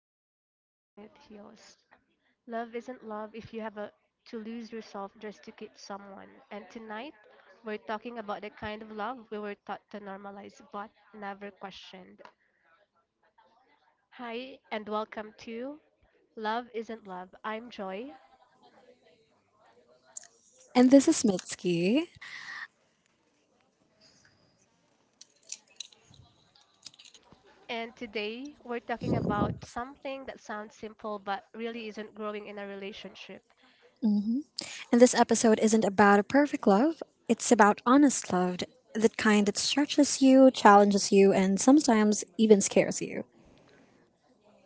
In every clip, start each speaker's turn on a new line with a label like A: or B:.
A: if it hurts more than it heals. Love isn't love if you have to lose yourself just to keep someone. And tonight, we're talking about the kind of love we were taught to normalize but never questioned. Hi, and welcome to Love Isn't Love. I'm Joy.
B: And this is Mitski.
A: And today, we're talking about something that sounds simple but really isn't, growing in a relationship.
B: Hmm. And this episode isn't about a perfect love, it's about honest love, that kind that stretches you, challenges you, and sometimes even scares you.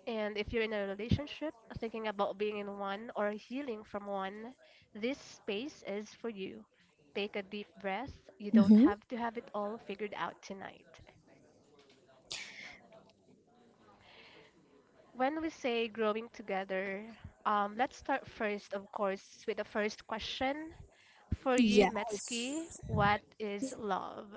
A: And if you're in a relationship, thinking about being in one or healing from one, this space is for you. Take a deep breath. You don't
B: Hmm.
A: have to have it all figured out tonight. When we say growing together, let's start first, of course, with the first question. For you,
B: Yeah.
A: Mitski, what is love?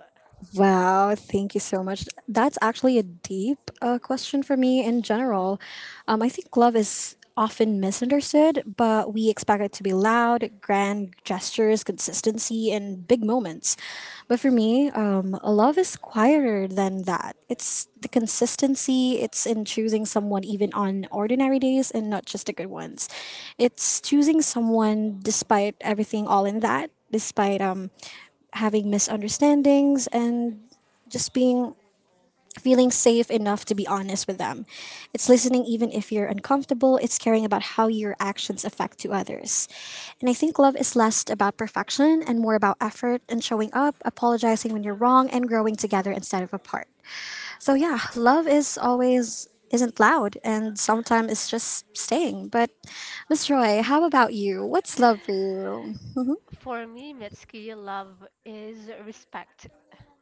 B: Wow, thank you so much. That's actually a deep question for me in general. I think love is often misunderstood, but we expect it to be loud, grand gestures, consistency, and big moments. But for me, love is quieter than that. It's the consistency, it's in choosing someone even on ordinary days and not just the good ones. It's choosing someone despite everything, all in that, despite having misunderstandings and just being, feeling safe enough to be honest with them. It's listening even if you're uncomfortable, it's caring about how your actions affect to others. And I think love is less about perfection and more about effort and showing up, apologizing when you're wrong and growing together instead of apart. So yeah, love is always isn't loud and sometimes it's just staying. But Miss Roy, how about you? What's love for you? Mm-hmm.
A: For me, Mitski, love is respect.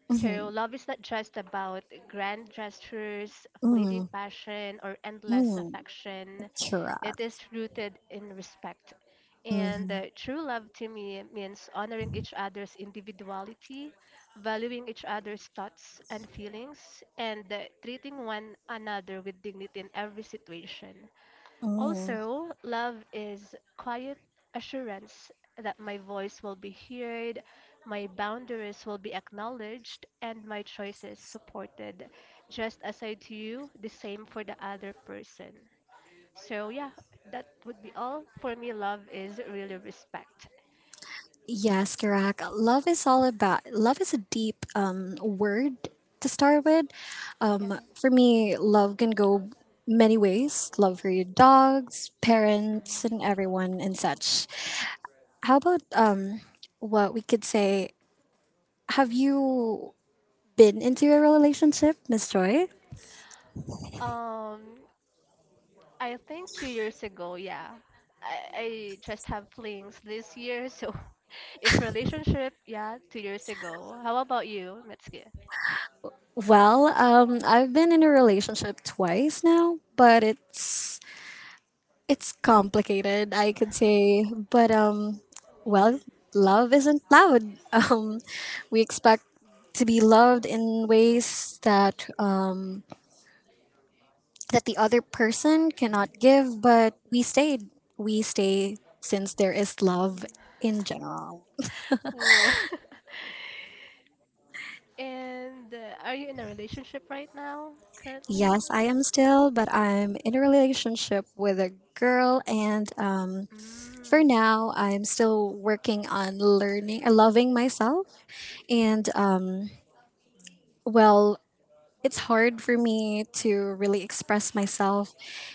A: So love is not just about grand gestures,
B: Mm-hmm.
A: fleeting passion, or endless
B: Mm-hmm.
A: affection.
B: Sure.
A: It is rooted in respect. And
B: Mm-hmm.
A: uh, true love to me means honoring each other's individuality, valuing each other's thoughts and feelings, and treating one another with dignity in every situation.
B: Mm-hmm.
A: Also, love is quiet assurance that my voice will be heard, my boundaries will be acknowledged, and my choices supported. Just as I do the same for the other person. So, yeah, that would be all. For me, love is really respect.
B: Yes, correct. Love is all about, love is a deep word to start with.
A: Yeah.
B: For me, love can go many ways. Love for your dogs, parents
A: Mhm.
B: and everyone and such. How about what we could say, have you been into a relationship, Miss Joy?
A: Um, I think 2 years ago, yeah. I just have flings this year, so if relationship, yeah, 2 years ago. How about you, Mitsuki?
B: Well, I've been in a relationship twice now, but it's complicated, I could say, but well, love isn't loud. We expect to be loved in ways that that the other person cannot give, but we stayed. We stay since there is love in general.
A: Ooh. And are you in a relationship right now, currently?
B: Yes, I am still, but I'm in a relationship with a girl, and for
A: Mm.
B: now, I'm still working on learning, loving myself.
A: Mhm,
B: And well, it's hard for me to really express myself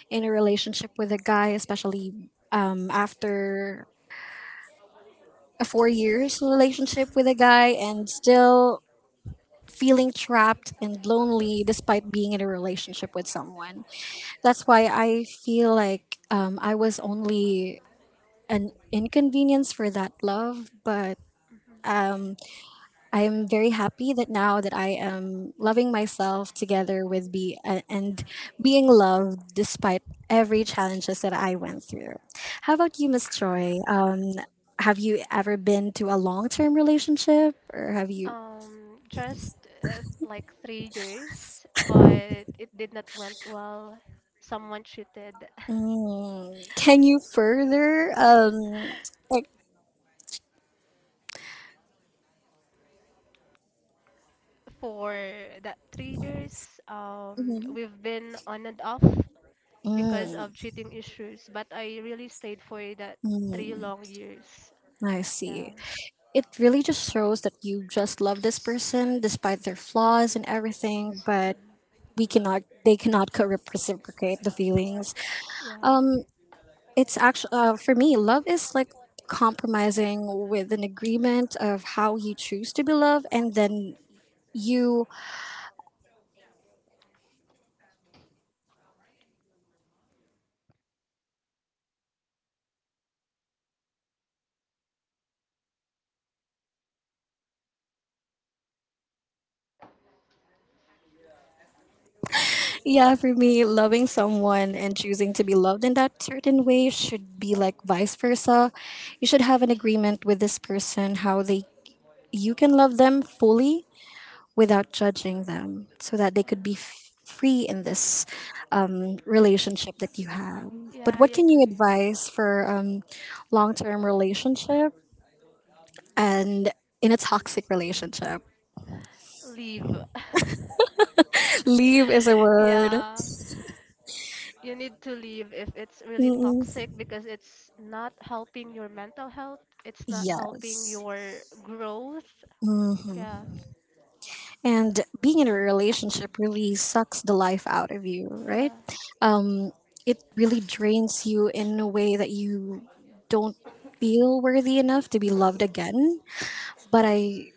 B: in a relationship with a guy, especially after a 4 years relationship with a
A: mm,
B: guy and still feeling trapped and lonely despite being in a relationship with someone. That's why I feel like I was only an inconvenience for that love, but
A: mhm.
B: um, I am very happy that now that I am loving myself together with be and being loved despite every challenges that I went through. How about you, Miss Joy? Have you ever been to a long term relationship, or have you?
A: Just like 3 years, but it did not went well. Someone cheated.
B: Mm, can you further? Like,
A: For that 3 years,
B: mhm.
A: we've been on and off because
B: Mm,
A: of cheating issues, but I really stayed for that three
B: mm,
A: long years.
B: I
A: Yeah,
B: see. It really just shows that you just love this person despite their flaws and everything, but we cannot they cannot reciprocate the feelings.
A: yeah,
B: um it's actually for me love is like compromising with an agreement of how you choose to be loved and then you, yeah, for me loving someone and choosing to be loved in that certain way should be like vice versa. You should have an agreement with this person how they, you can love them fully without judging them so that they could be free in this relationship that you have.
A: yeah,
B: But
A: I
B: what can you
A: agree.
B: advise for long term relationship and in a toxic relationship?
A: Leave.
B: Leave is a word.
A: Yeah, you need to leave if it's really
B: Mm.
A: toxic because it's not helping your mental health, it's not helping
B: Yes.
A: your growth.
B: Hmm.
A: Yeah,
B: And being in a relationship really sucks the life out of you, right?
A: yeah.
B: Um, it really drains you in a way that you don't feel worthy enough to be loved again, but I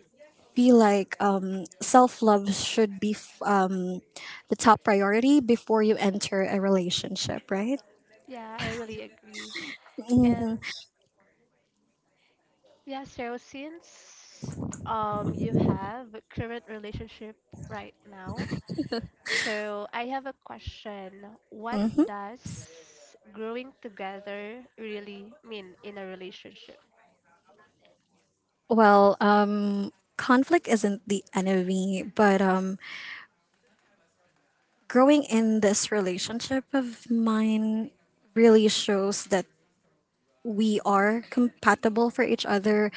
B: feel like self love should be the top priority before you enter a relationship, right?
A: Yeah, I really agree. And.
B: Mhm.
A: Yeah, so since you have a current relationship right now, so I have a question. What does growing together really mean in a relationship?
B: Well, conflict isn't the enemy, but growing in this relationship of mine really shows that we are compatible for each other,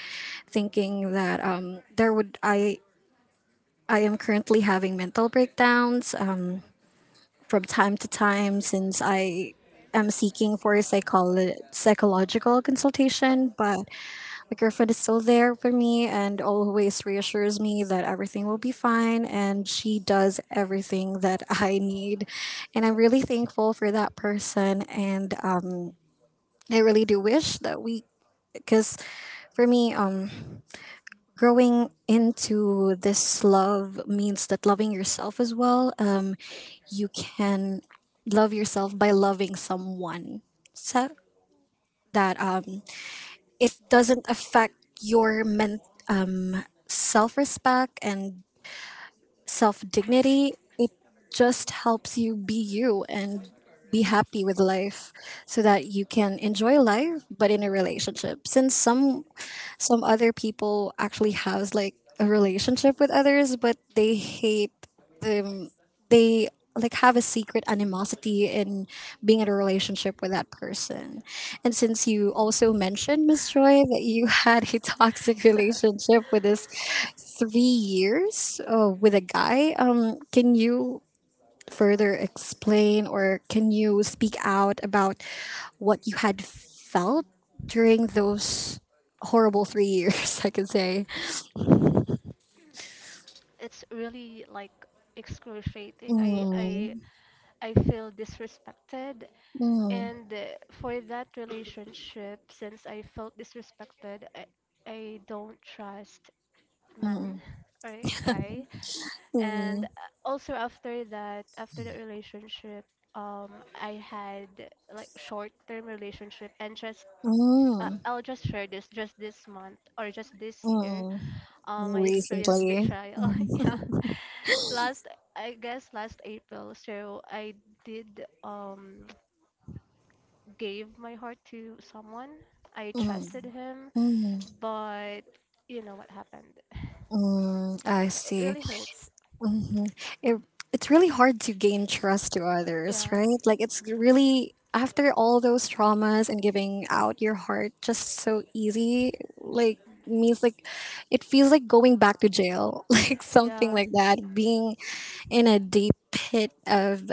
B: thinking that there would I am currently having mental breakdowns from time to time since I am seeking for a psychological consultation, but my girlfriend is still there for me and always reassures me that everything will be fine and she does everything that I need. And I'm really thankful for that person and I really do wish that we, because for me growing into this love means that loving yourself as well, you can love yourself by loving someone so that it doesn't affect your self-respect and self dignity. It just helps you be you and be happy with life so that you can enjoy life, but in a relationship since some other people actually has like a relationship with others but they hate them, they like have a secret animosity in being in a relationship with that person. And since you also mentioned Miss Joy that you had a toxic relationship with this 3 years with a guy. Can you further explain or can you speak out about what you had felt during those horrible 3 years? I could say.
A: It's really like excruciating. I I
B: Mm,
A: I feel disrespected,
B: mm,
A: and for that relationship, since I felt disrespected, I don't trust man
B: mm,
A: or a guy, and
B: mm,
A: uh, also after that relationship, um I had like short-term relationship and just,
B: mm,
A: I'll just share this just this month or just this year,
B: mm.
A: I experienced
B: Recently.
A: betrayal. Yeah,
B: Mm,
A: last, I guess last April, so I did, gave my heart to someone. I
B: mm,
A: trusted him,
B: mm,
A: but you know what happened.
B: mm. I
A: It
B: see.
A: really hurts.
B: Hmm. It, it's really hard to gain trust to others,
A: Yeah,
B: right? Like it's really after all those traumas and giving out your heart just so easy, like, means like it feels like going back to jail, like something
A: yeah.
B: like that, being in a deep pit of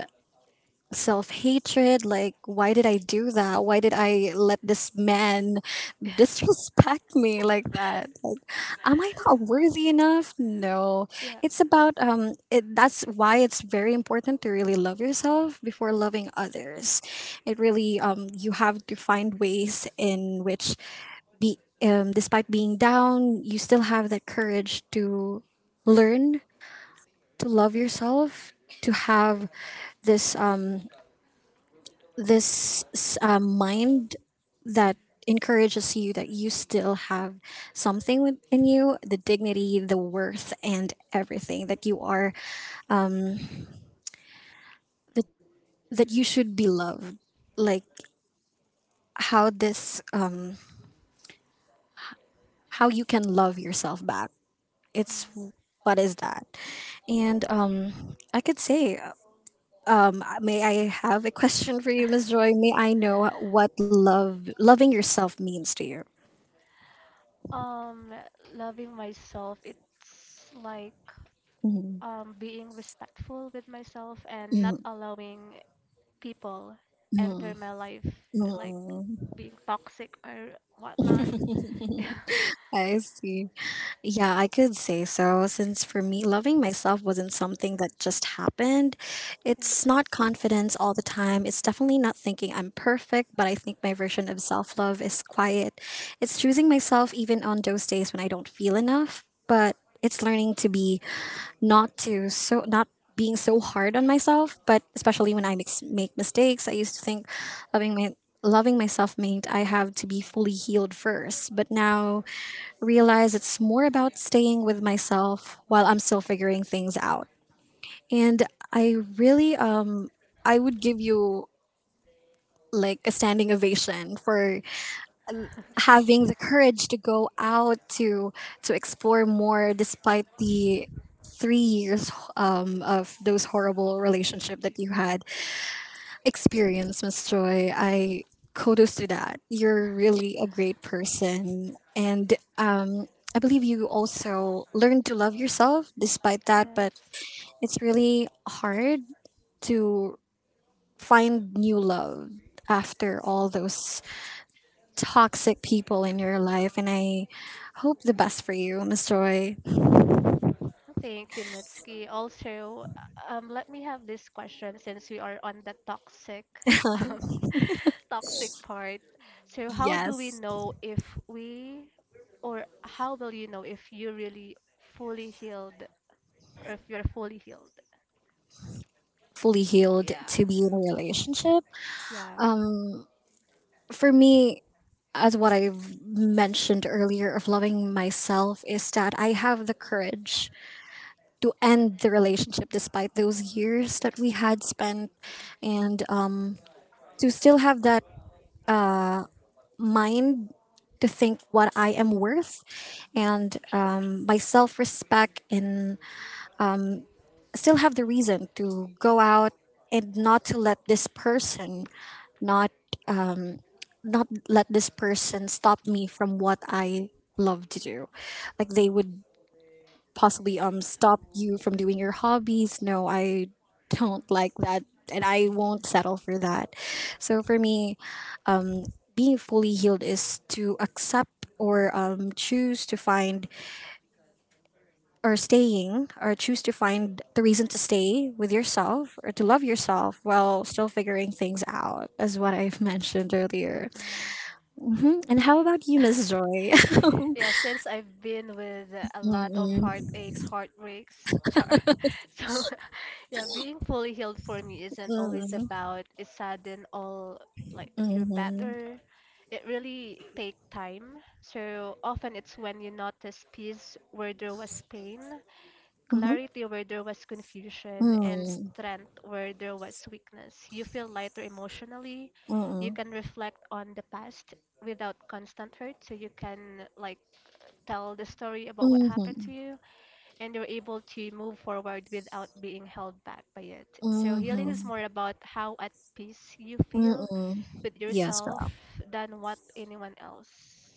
B: self hatred. Like, why did I do that? Why did I let this man disrespect me like that? Like, am I not worthy enough? No.
A: Yeah,
B: It's about, it, that's why it's very important to really love yourself before loving others. It really, you have to find ways in which, be, despite being down, you still have that courage to learn to love yourself, to have this mind that encourages you that you still have something within you, the dignity, the worth and everything that you are, um that, that you should be loved, like how this how you can love yourself back.
A: yeah.
B: It's, what is that? And I could say, may I have a question for you, Miss Joy? May I know what love loving yourself means to you?
A: Um, Loving myself, it's like
B: Mhm.
A: being respectful with myself and not
B: Mhm.
A: allowing people enter
B: Mhm.
A: my life, like
B: Mm.
A: being toxic or whatnot. Yeah,
B: I see. Yeah, I could say so, since for me, loving myself wasn't something that just happened.
A: yeah,
B: It's not confidence all the time. It's definitely not thinking I'm perfect, but I think my version of self love is quiet. It's choosing myself even on those days when I don't feel enough, but it's learning to be, not being so hard on myself, but
A: mhm,
B: especially when I make mistakes. I used to think loving my loving myself meant I have to be fully healed first, but now realize it's more about staying with myself while I'm still figuring things out. And I really I would give you like a standing ovation for having the courage to go out to explore more despite the 3 years of those horrible relationship that you had experienced, Miss Joy. I kudos to that, you're really a great person and I believe you also learned to love yourself despite that, but
A: yes.
B: it's really hard to find new love after all those toxic people in your life. And I hope the best for you, Miss Joy.
A: Thank you, Mitski. Also, let me have this question since we are on the toxic, um, toxic part. So, how do we
B: Yes,
A: know if we, or how will you know if you really fully healed, or if you're fully healed?
B: fully healed
A: Yeah,
B: to be in a relationship.
A: yeah.
B: For me, as what I've mentioned earlier of loving myself is that I have the courage to end the relationship despite those years that we had spent and to still have that mind to think what I am worth and my self respect and still have the reason to go out and not to let this person, not not let this person stop me from what I love to do. Like they would possibly stop you from doing your hobbies. No, I don't like that and I won't settle for that. So for me, um being fully healed is to accept or choose to find, or staying, or choose to find the reason to stay with yourself or to love yourself while still figuring things out as what I've mentioned earlier.
A: Mm.
B: Hmm. And how about you, Miss Joy?
A: Yeah, since I've been with a lot of
B: Mm-mm.
A: heartaches, heartbreaks, char. So, yeah, being fully healed for me isn't always
B: Mm-mm.
A: about a sudden, all like you're
B: Mhm.
A: better. It really take time. So often it's when you notice peace where there was pain,
B: Mhm.
A: clarity where there was confusion, and
B: Mm.
A: strength where there was weakness. You feel lighter emotionally. You
B: Mm-mm.
A: can reflect on the past without constant hurt, so you can like tell the story about what happened to
B: Mhm.
A: you and you're able to move forward without being held back by it. So healing is
B: Mhm.
A: more about how at peace you feel
B: Mm-mm.
A: with
B: Yes,
A: yourself
B: girl.
A: than what anyone else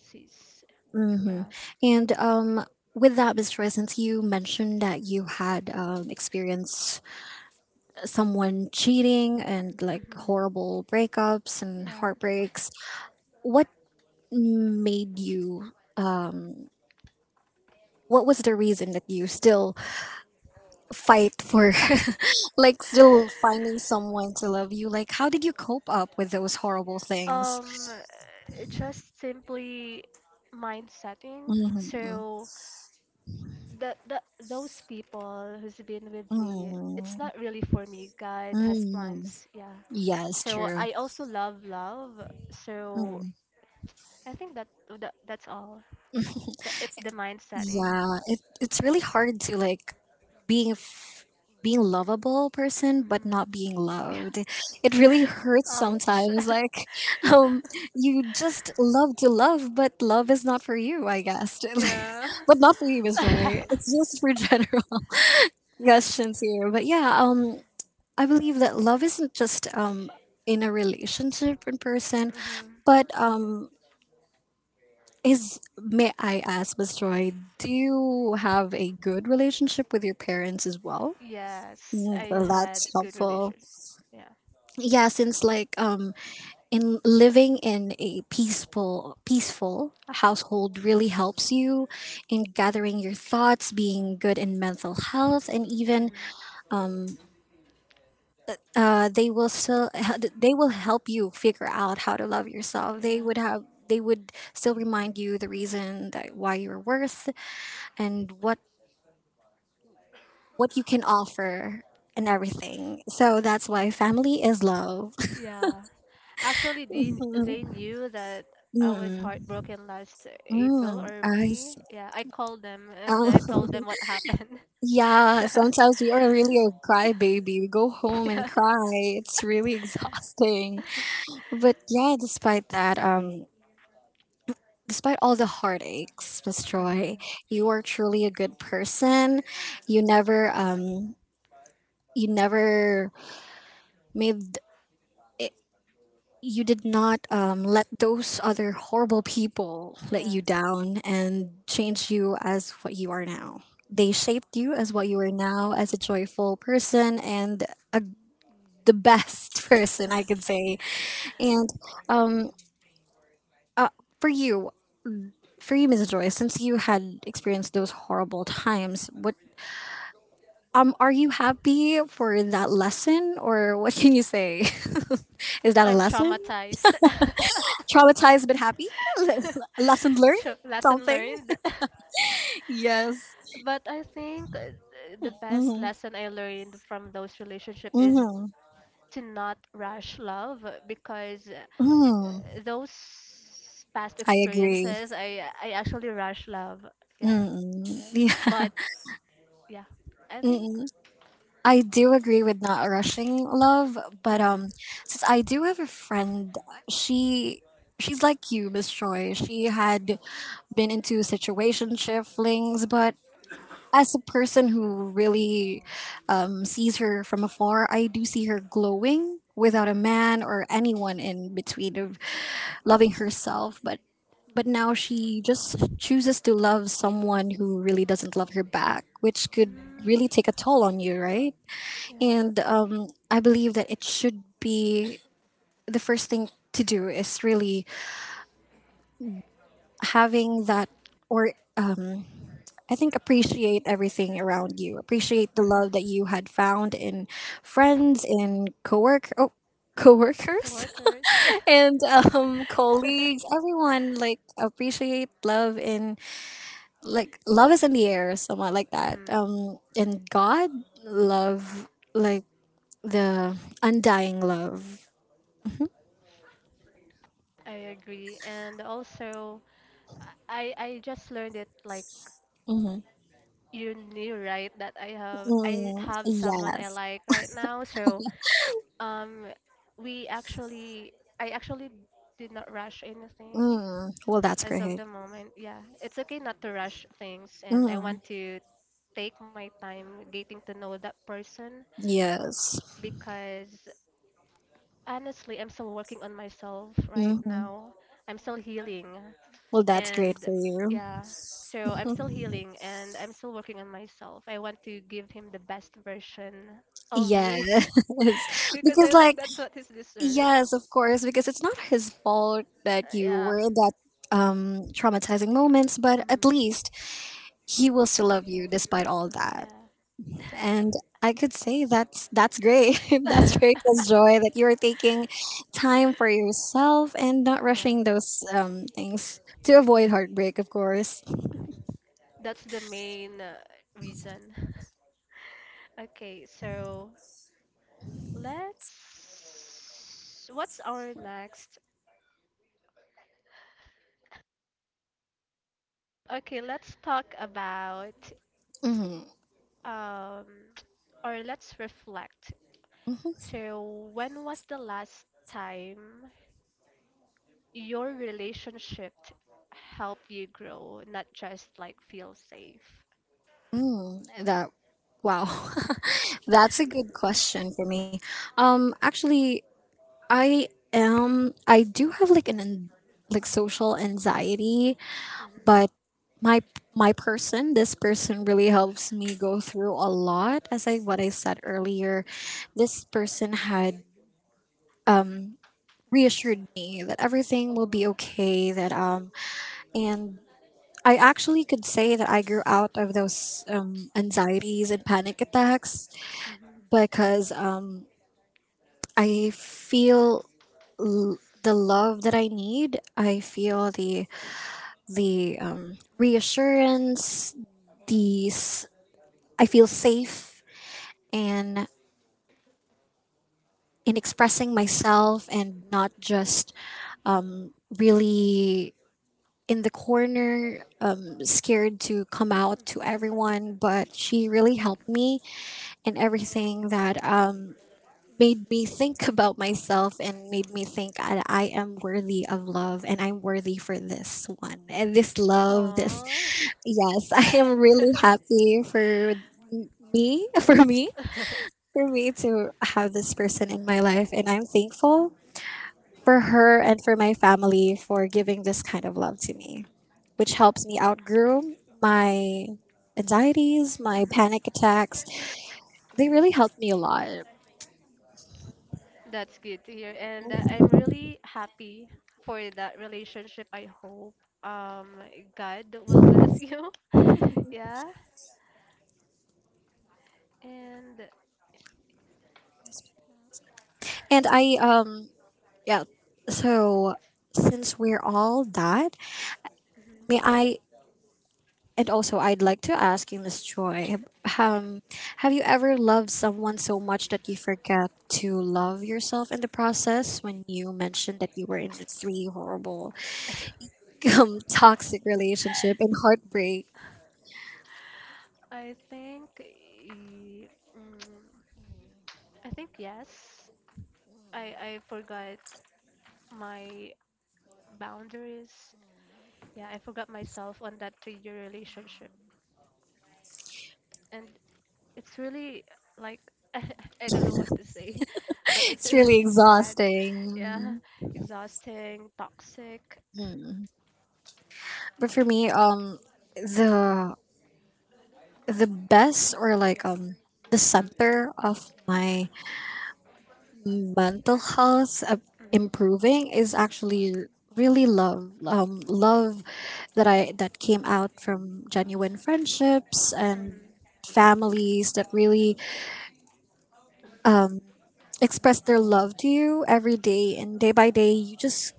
A: sees.
B: Mm-hmm.
A: Yeah.
B: And with that, Miss Joy, since you mentioned that you had experience someone cheating and like
A: Hmm.
B: horrible breakups and
A: Yeah.
B: heartbreaks. What made you what was the reason that you still fight for like still finding someone to love you? Like how did you cope up with those horrible things?
A: um just simply mind setting.
B: Hmm.
A: So the those people who's been with me, it's
B: Mm.
A: not really for me. God has
B: Mm.
A: plans. Yeah.
B: Yes,
A: So
B: true.
A: I also love love, so
B: Mm.
A: I think that's all, that it's the mind setting.
B: Yeah, it's really hard to, like, being being lovable person but
A: Hmm.
B: not being
A: Yeah.
B: loved, it really hurts
A: Ouch.
B: sometimes, like. um you just love to love, but love is not for you, I guess. Like,
A: Yeah.
B: but not for you, Miss Joy, it's just for general questions here, but yeah, I believe that love isn't just, in a relationship, in person,
A: Hmm.
B: but is may I ask, Miss Joy, do you have a good relationship with your parents as well?
A: Yes,
B: Mm,
A: I
B: well, that's
A: had good
B: helpful.
A: relation. Yeah.
B: Yeah, since, like, in living in a peaceful household really helps you in gathering your thoughts, being good in mental health, and even
A: Hmm.
B: um uh they will still they will help you figure out how to love yourself.
A: Yeah.
B: They would still remind you the reason that why you're worth, and what you can offer, and everything. So that's why family is love.
A: Yeah. Actually, they knew that I was
B: Mm-mm.
A: heartbroken last April
B: Mm,
A: or
B: I
A: May.
B: see.
A: Yeah, I called them and I told them
B: Oh,
A: what happened.
B: yeah, sometimes we are really a crybaby. We go home and
A: Yeah.
B: cry. It's really exhausting. But yeah, despite that, despite all the heartaches, Miss Joy,
A: Hmm.
B: you are truly a good person. You never, um, you never made you did not, let those other horrible people let
A: Yeah.
B: you down and change you as what you are now. They shaped you as what you are now, as a joyful person and a, the best person, I could say. And um, uh, for you, Mrs. Joy, since you had experienced those horrible times, what are you happy for that lesson, or what can you say? Is that a
A: I'm
B: lesson?
A: traumatized.
B: Traumatized but happy. Lesson learned.
A: Sure, lesson
B: Something.
A: learned.
B: Yes.
A: But I think the best
B: Mm-hmm.
A: lesson I learned from those relationship is
B: Mm-hmm.
A: to not rush love because,
B: Mm,
A: those past
B: I agree.
A: experiences, I actually rush love. Yeah,
B: Mm-mm. Yeah.
A: but yeah, I think,
B: Mm-mm. I do agree with not rushing love, but
A: um.
B: since I do have a friend, she she's like you, Miss Choi. She had been into situationship flings, but as a person who really, sees her from afar, I do see her glowing without a
A: Mhm.
B: man or anyone in between of loving herself. But now she just chooses to love someone who really doesn't love her back, which could
A: Mm,
B: really take a toll on you, right?
A: yeah.
B: And I believe that it should be the first thing to do is really having that, or um, I think appreciate everything around you. Appreciate the love
A: Mm-hmm.
B: that you had found in friends, in coworkers,
A: Coworkers.
B: and colleagues. Everyone, like, appreciate love in, like, love is in the air, somewhat like that.
A: Hmm.
B: In God, love, like, the undying love.
A: I agree, and also I just learned it, like
B: Mm-hmm.
A: you knew, right, that I have I
B: Mm,
A: have someone I
B: yes.
A: like right now, so um we actually I actually did not rush anything.
B: Mm, well, that's
A: As of
B: great.
A: the moment, yeah, it's okay not to rush things, and I
B: Mm,
A: want to take my time getting to know that person,
B: yes.
A: because honestly, I'm still working on myself right
B: Hmm.
A: now. I'm still healing,
B: Well, that's great
A: and
B: for you.
A: yeah, so I'm still healing and I'm still working on myself. I want to give him the best version of
B: Yes,
A: me because
B: because,
A: I
B: like,
A: think that's what he's deserved.
B: yes, of course, because it's not his fault that you
A: Yeah.
B: were in that traumatizing moments, but at
A: Hmm.
B: least he will still love you despite all that.
A: Yeah.
B: And I could say that's great. That's great as joy that you are taking time for yourself and not
A: Yeah.
B: rushing those things to avoid heartbreak, of course.
A: That's the main reason. Okay, so let's. What's our next? Okay, let's talk about,
B: Hmm.
A: um, or let's reflect. So, when was the last time your relationship helped you grow, not just like feel safe?
B: Mm, that wow. That's a good question for me. Actually, I am. I do have, like, like social anxiety, but
A: Mm-hmm.
B: my my person, this person really helps me go through a lot. As I What I said earlier, this person had reassured me that everything will be okay. That and. I actually could say that I grew out of those, anxieties and panic attacks, because, I feel the love that I need. I feel the, reassurance, these I feel safe and in expressing myself, and not just, um, really in the corner, scared to come out to everyone. But she really helped me in everything, that, made me think about myself, and made me think I am worthy of love, and I'm worthy for this one, and this
A: Mm-hmm.
B: love, this,
A: Aww.
B: yes. I am really happy for me. for me for me to have this person in my life, and I'm thankful for her and for my family for giving this kind of love to me, which helps me outgrow my anxieties, my
A: Mhm.
B: panic attacks. They really helped me a lot,
A: That's good to hear, and I'm really happy for that relationship. I hope um God will bless you. Yeah, and
B: and I yeah. So since we're all that,
A: mm,
B: may I and also I'd like to ask you, Miss Joy, um, have you ever loved someone so much that you forget to love yourself in the process? When you mentioned that you were in these three horrible, toxic relationship and heartbreak,
A: I think y- mm, I think yes. I forgot my boundaries. Yeah, I forgot myself on that three-year relationship, and it's really like, I don't know what to say, but it's
B: it's
A: really
B: really
A: sad. Yeah,
B: exhausting.
A: exhausting, toxic.
B: But for me, the the best, or, like, the center of my mental health,
A: Mhm.
B: improving is actually really love, love that I that came out from genuine friendships and
A: Mhm.
B: families that really, um, express their love to you every day, and day by day you just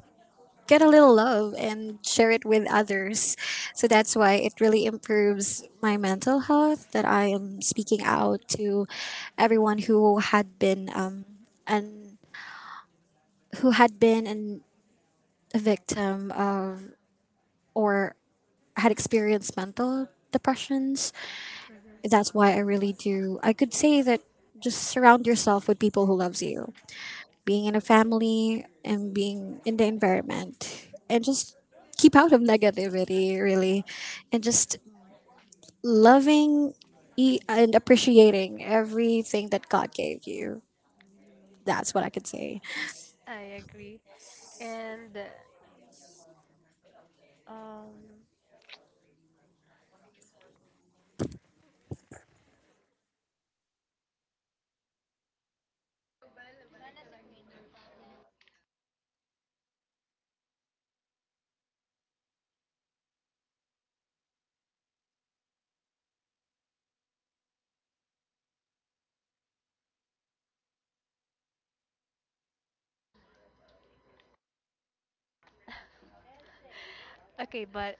B: get a little love and share it with others. So that's why it really improves my mental health, that I am speaking out to everyone who had been, and who had been, and a victim of, or had experienced, mental depressions.
A: Mhm.
B: That's why I really do. I could say that, just surround yourself with people who loves you. Being in a family and being in the environment, and just keep out of negativity really, and just loving, and appreciating everything that God gave you. That's what I could say.
A: I agree. And um okay, but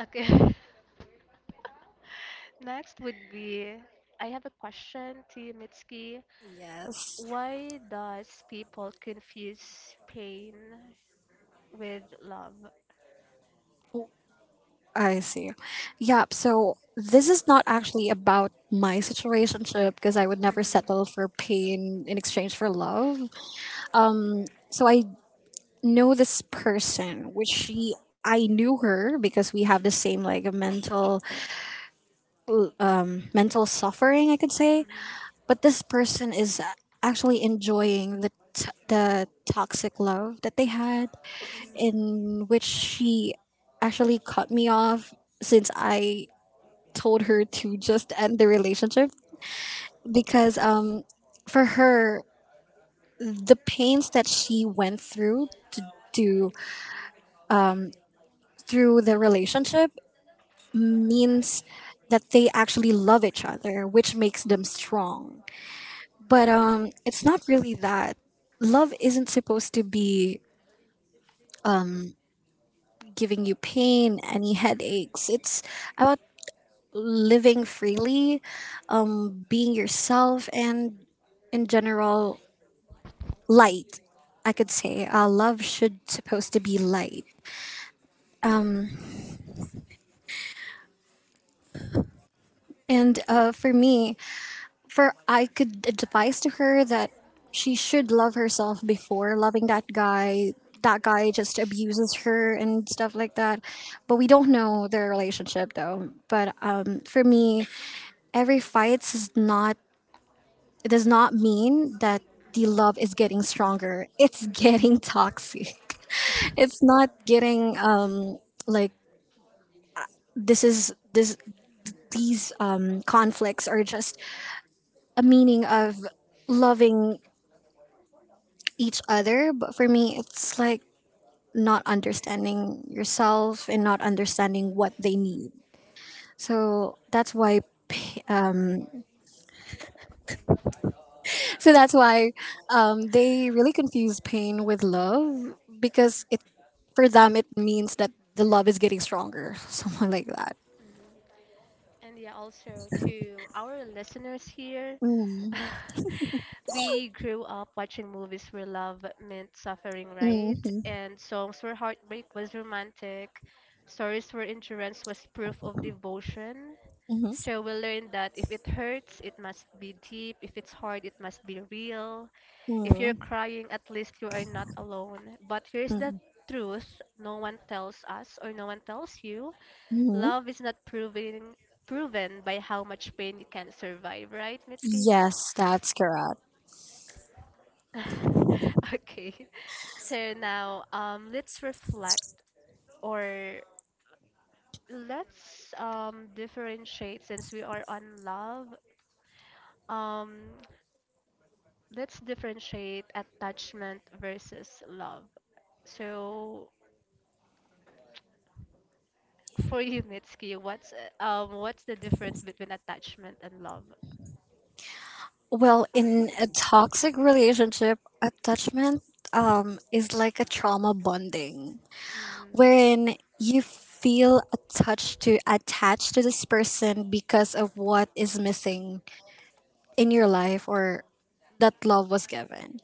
A: okay. Next would be, I have a question to you, Mitski.
B: Yes.
A: Why does people confuse pain with love?
B: I see. Yeah, so this is not actually about my situationship, because I would never
A: Mhm.
B: settle for pain in exchange for love. So I know this person, which she I knew her because we have the same, like, mental, mental suffering, I could say.
A: Mhm.
B: But this person is actually enjoying the toxic love that they had, in which she actually cut me off since I told her to just end the relationship, because, for her, the pains that she went through, to do through the relationship, means that they actually love each other, which makes them strong. But, it's not really that. Love isn't supposed to be giving you pain, any
A: Mhm.
B: headaches. It's about living freely, being yourself, and in general, light. I could say, love should supposed to be light. And, for me, for I could advise to her that she should love herself before loving that guy. That guy just abuses her and stuff like that. But we don't know their relationship, though. But, for me, every fight is not. It does not mean that the love is getting stronger. It's getting toxic. It's not getting, like, this is this these, conflicts are just a meaning of loving each other. But for me, it's like not understanding yourself and not understanding what they need. So that's why. pa- Um, so that's why they really confuse pain with love, because it, for them, it means that the love is getting stronger, something like that.
A: Mhm. And yeah, also to our listeners here,
B: Mm.
A: we grew up watching movies where love meant suffering, right?
B: Mhm.
A: And songs where heartbreak was romantic, stories where endurance was proof of devotion.
B: Mhm.
A: So we learned that if it hurts, it must be deep. If it's hard, it must be real. If you're
B: Mm.
A: crying, at least you are not alone. But here's the
B: Mm.
A: truth no one tells us, or no one tells you:
B: Mhm.
A: love is not proven by how much pain you can survive, right, Mitski?
B: Yes, that's correct.
A: Okay. So now, let's reflect, or let's differentiate, since we are on love. Um, let's differentiate attachment versus love. So for you, Mitski, what's the difference between attachment and love?
B: Well, in a toxic relationship, attachment, is like a trauma bonding,
A: Mm,
B: wherein you feel attached to this person because of what is missing in your life, or that love was given.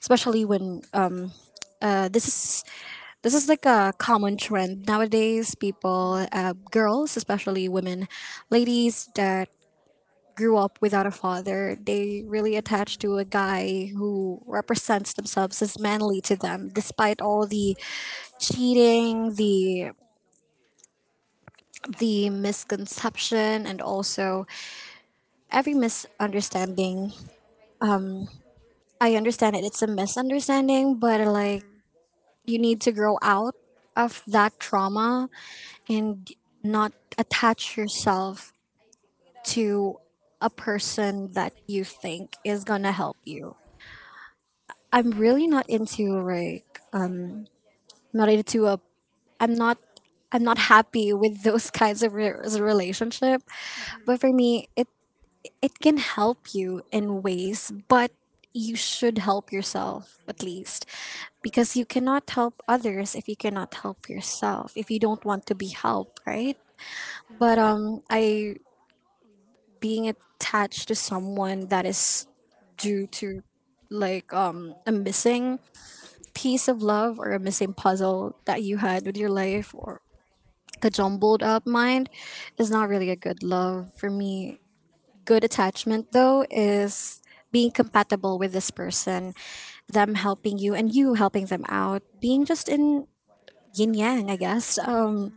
B: Especially when, uh, this is this is like a common trend nowadays.
A: yeah.
B: People, girls, especially women, ladies that grew up without a father, they really attach to a guy who represents themselves as manly to them, despite all the cheating, the misconception, and also every misunderstanding. I understand it; it's a misunderstanding, but,
A: Mhm.
B: like,
A: Mhm.
B: you need to grow out of that trauma and not attach yourself to a person that you think is gonna help you. I'm really not into, like, I'm not into a I'm not I'm not happy with those kinds of relationship.
A: Mhm.
B: But for me, it can help you in ways, but you should help yourself at least, because you cannot help others if you cannot help yourself, if you don't want to be helped, right?
A: Mhm.
B: But, I being attached to someone that is due to, like, a missing piece of love, or a missing puzzle that you had with your life, or the jumbled up mind, is not really a good love for me. Good attachment, though, is being compatible with this person, them helping you and you helping them out, being just in yin yang, I guess,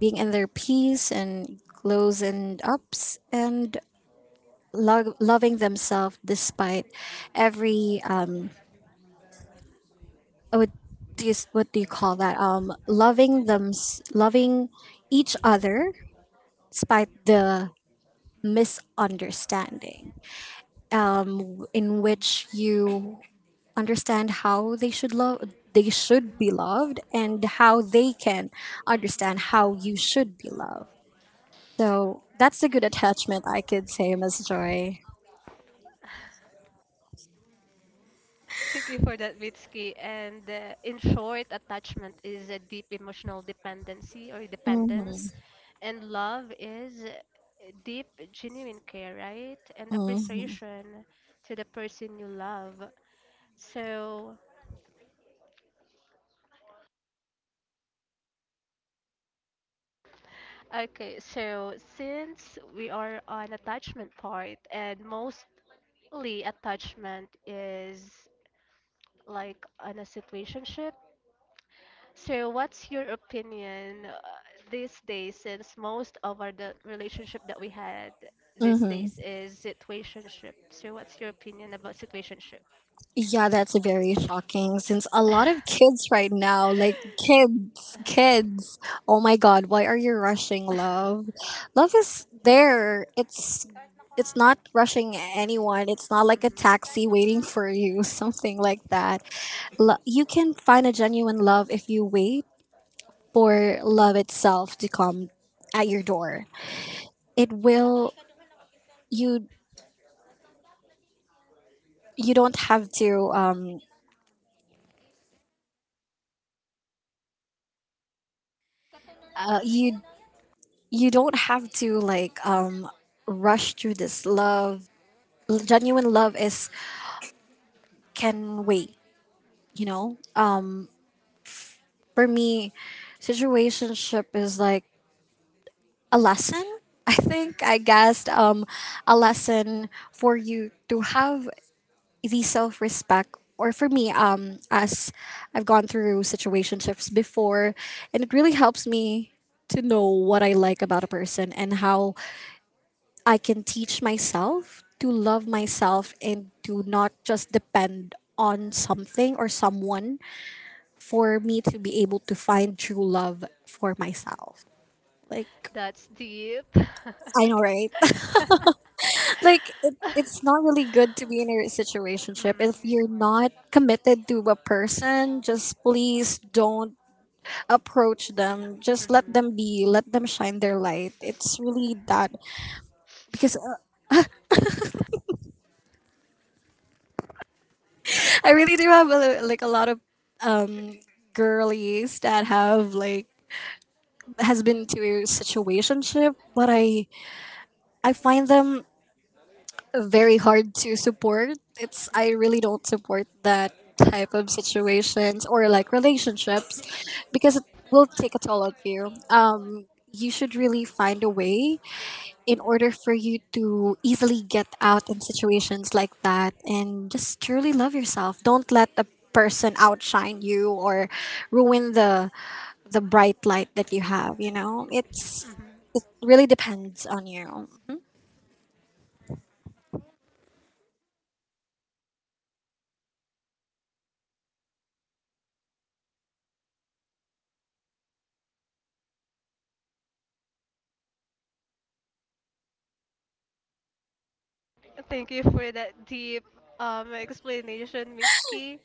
B: being in their peace and lows and ups, and loving themselves despite every, what do you, call that? Loving them, loving each other despite the misunderstanding, um, in which you understand how they should love they should be
A: Mhm.
B: loved, and how they can understand how you should be loved. So that's a good attachment, I could say, Miss Joy.
A: Thank you for that, Mitski. And in short, attachment is a deep emotional dependency or dependence,
B: Mm-hmm.
A: and love is, deep, genuine care, right? And
B: Mm-hmm.
A: appreciation to the person you love. So Okay, so since we are on attachment part, and mostly attachment is like on a situationship, so what's your opinion, these days, since most of our the relationship that we had these
B: Mm-hmm.
A: days is situationship? So what's your opinion about situationship?
B: Yeah, that's very shocking, since a lot of kids right now, like, kids, kids. Oh my god, why are you rushing love? Love is there. It's not rushing anyone. It's not like a taxi
A: Mhm.
B: waiting for you, something like that. You can find a genuine love if you wait for love itself to come at your door. It will. You you don't have to uh, you you don't have to like rush through this love. Genuine love is can wait. You know um for me, situationship is like a lesson, I think I guessed a lesson for you to have the self-respect. Or for me, as I've gone through situationships before, and it really helps me to know what I like about a person, and how I can teach myself to love myself and to not just depend on something or someone for me to be able to find true love for myself. Like,
A: That's deep.
B: I know, right? Like, it's not really good to be in a situationship
A: Mm.
B: if you're not committed to a person. Just please don't approach them. Just let
A: Mhm.
B: them be. Let them shine their light. It's really that because I really do have like a lot of um, girlies that have like has been to a situationship, but I find them very hard to support. It's I
A: Mhm.
B: really don't support that type of situations or like relationships because it will take a toll on you. You should really find a way in
A: Mhm.
B: order for you to easily get out in situations like that and just truly love yourself. Don't let a person outshine you or ruin the bright light that you have, it really depends on you.
A: Thank you for that deep explanation, Mitski.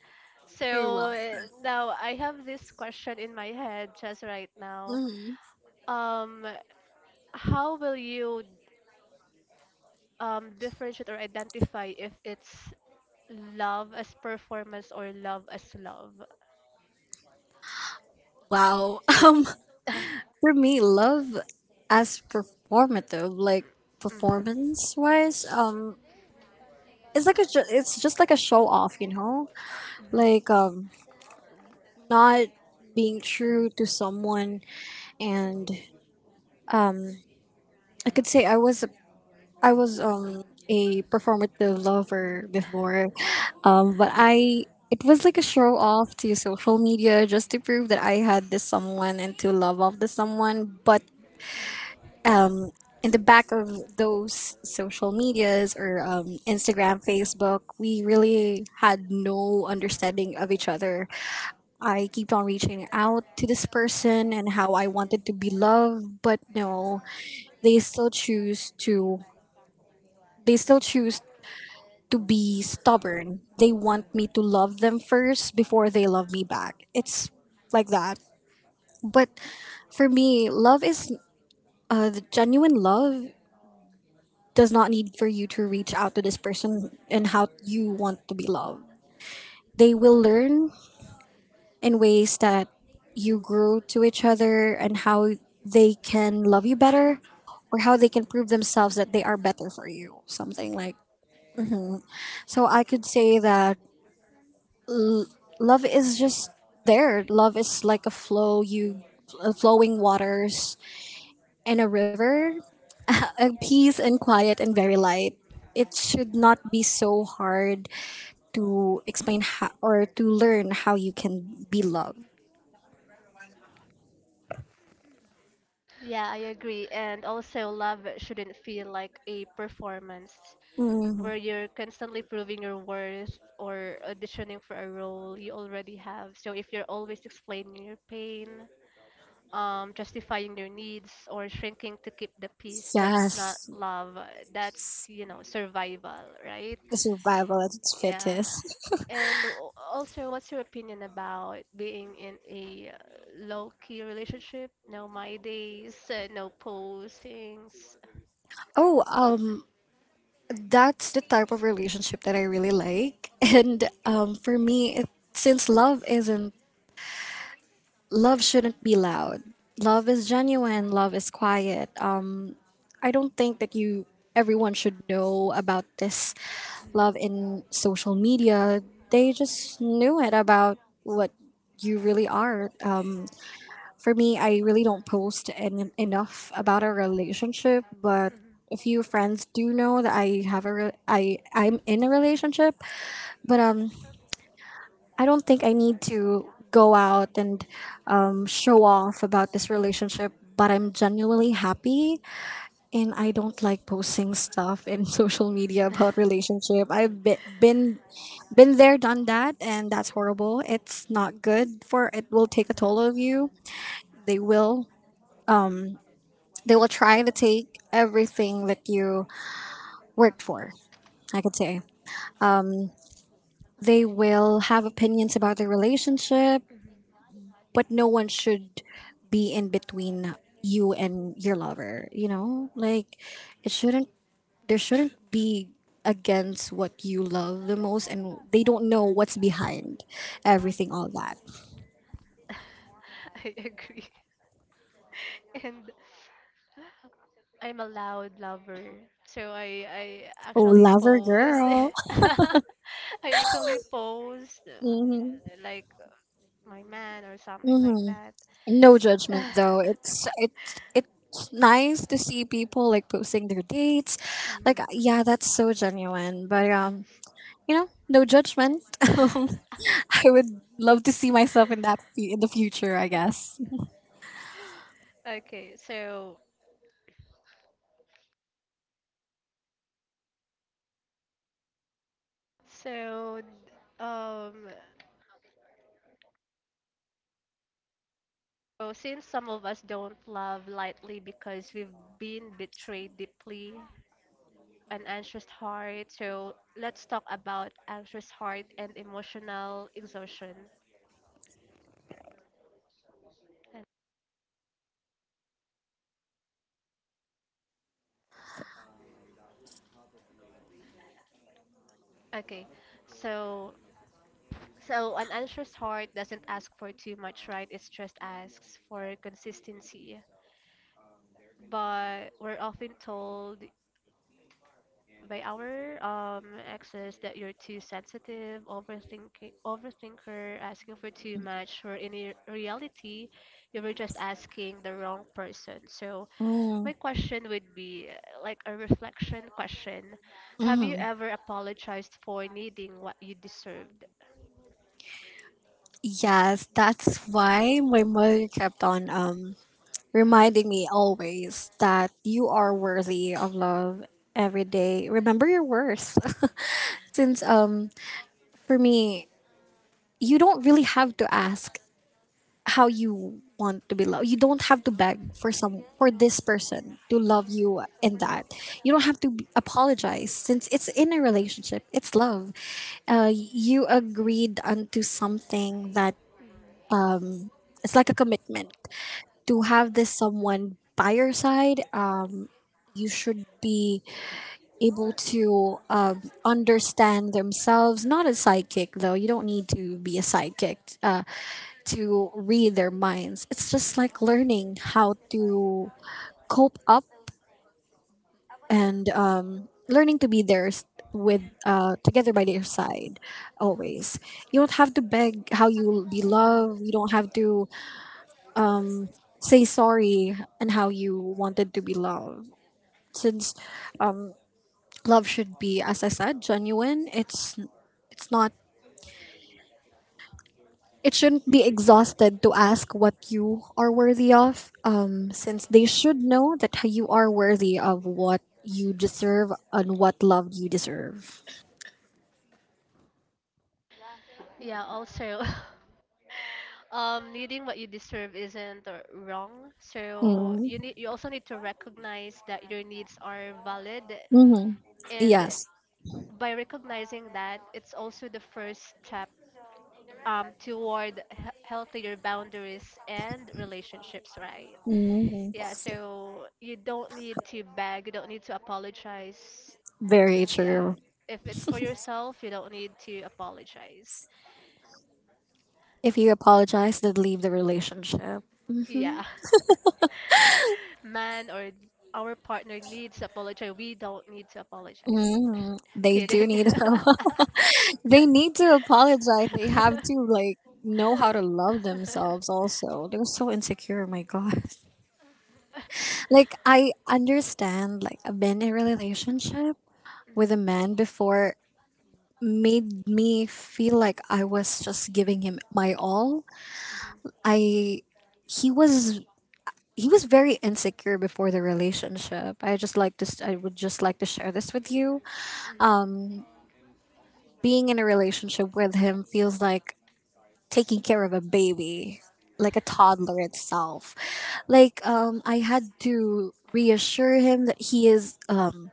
B: You're
A: So now I have this question in my head just right now.
B: welcome.
A: Um, how will you differentiate or identify if it's love as performance or love as love?
B: Wow. um for me, love as performative, like,
A: Mhm.
B: performance wise it's like it's just like a show off.
A: Mhm.
B: Like, not being true to someone. And um I could say I was a performative lover before, but I it was like a show off to social media just to prove that I had this someone and to love off the someone. But um, in the back of those social medias, or Instagram, Facebook, we really had no understanding of each other. I kept on reaching out to this person and how I wanted to be loved, but no, they still choose to they still choose to be stubborn. They want me to love them first before they love me back. It's like that. But for me, love is, the genuine love does not need for you to reach out to this person and how you want to be loved. They will learn in ways that you grow to each other, and how they can love you better or how they can prove themselves that they are better for you. Something
A: Mhm.
B: like. So I could say that L- love is just there. Love is like a flow, you flowing waters and a river, a peace and quiet and very light. It should not be so hard to explain how, or to learn how you can be loved.
A: Yeah, I agree. And also, love shouldn't feel like a performance
B: Mhm.
A: where you're constantly proving your worth or auditioning for a role you already have. So, if you're always explaining your pain, justifying your needs, or shrinking to keep the peace, that's not
B: Yes,
A: love. That's, survival, right?
B: the survival at its
A: Yeah.
B: fittest.
A: And also, what's your opinion about being in a low-key relationship? No my days, no postings.
B: Oh, that's the type of relationship that I really like, and for me, since love isn't, love shouldn't be loud. Love is genuine. Love is quiet. I don't think that you everyone should know about this love in social media. They just knew it about what you really are. For me, I really don't post enough about our relationship, but a few friends do know that I have I'm in a relationship, but I don't think I need to go out and show off about this relationship, but I'm genuinely happy. And I don't like posting stuff in social media about relationship. I've been
A: Mm, mhm.
B: been, been there, done that, and that's horrible. It's not
A: Mm.
B: good for it will take a toll of you. They will they will try to take everything that you worked for. I could say they will have opinions about their relationship.
A: Mhm, mhm,
B: But no one should be in between you and your lover, like it shouldn't there shouldn't be against what you love the most, and they don't know what's behind
A: mhm.
B: everything all that.
A: I agree. And I'm a loud lover. So I
B: Oh,
A: actually
B: lover
A: post,
B: girl.
A: I actually post
B: Mm-hmm.
A: like, my man or something like
B: Mm-hmm.
A: that.
B: No judgment, though. It's nice to see people, like, posting their dates, like,
A: Mhm.
B: yeah, that's so genuine. But no judgment. I would love to see myself in that in the future, I guess.
A: Okay, so, so um since some of us don't love lightly because we've been betrayed deeply, an anxious heart, so let's talk about anxious heart and emotional exhaustion. Okay, so, an anxious heart doesn't ask for too much, right? It just asks for consistency. But we're often told by our exes that you're too sensitive, overthinking, overthinker, asking for too much. Or in reality, you were just asking the wrong person. So
B: Mm.
A: my question would be, like a reflection question: have
B: Hmm.
A: you ever apologized for needing what you deserved?
B: Yes, that's why my mother kept on reminding me always that you are worthy of love every day. Remember your worth. Since for me, you don't really have to ask how you want to be loved. You don't have to beg for this person to love you in that. You don't have to apologize since it's in a relationship. It's love. You agreed unto something that it's like a commitment to have this someone by your side. You should be able to understand themselves. Not a sidekick, though. You don't need to be a sidekick. To read their minds. It's just like learning how to cope up and learning to be there s-
A: Mm.
B: with together by their side always. You don't have to beg how you be
A: Yeah.
B: loved. You don't have to um, say sorry and how you wanted to be loved. Since um, love should be, as I said, genuine. It's not. It shouldn't be exhausted to ask what you are worthy of, since they
A: Mhm.
B: should know that you are worthy of what you deserve and what love you deserve.
A: Yeah, also, needing what you deserve isn't wrong. So
B: Mm-hmm.
A: you also need to recognize that your needs are valid, and
B: Yes.
A: by recognizing that, it's also the first step toward healthier boundaries and relationships, right?
B: Hmm.
A: Yeah, so you don't need to beg, you don't need to apologize.
B: Very
A: Yeah.
B: true.
A: If it's for yourself, you don't need to apologize.
B: If you apologize, then leave the relationship. Hmm.
A: Yeah. Man or our partner needs to apologize. We don't need to apologize.
B: Hmm. They do
A: Kidding.
B: need they need to apologize. They have to, like, know how to love themselves also. They're so insecure, my god. Like, I understand, like, I've been in a relationship with a
A: Mhm,
B: man before, made me feel like I was just giving him my all. I he was he was very insecure before the relationship. I would just like to share this with you.
A: mhm, mhm,
B: Being in a relationship with him feels like taking care of a baby, like a toddler itself. Like, I had to reassure him that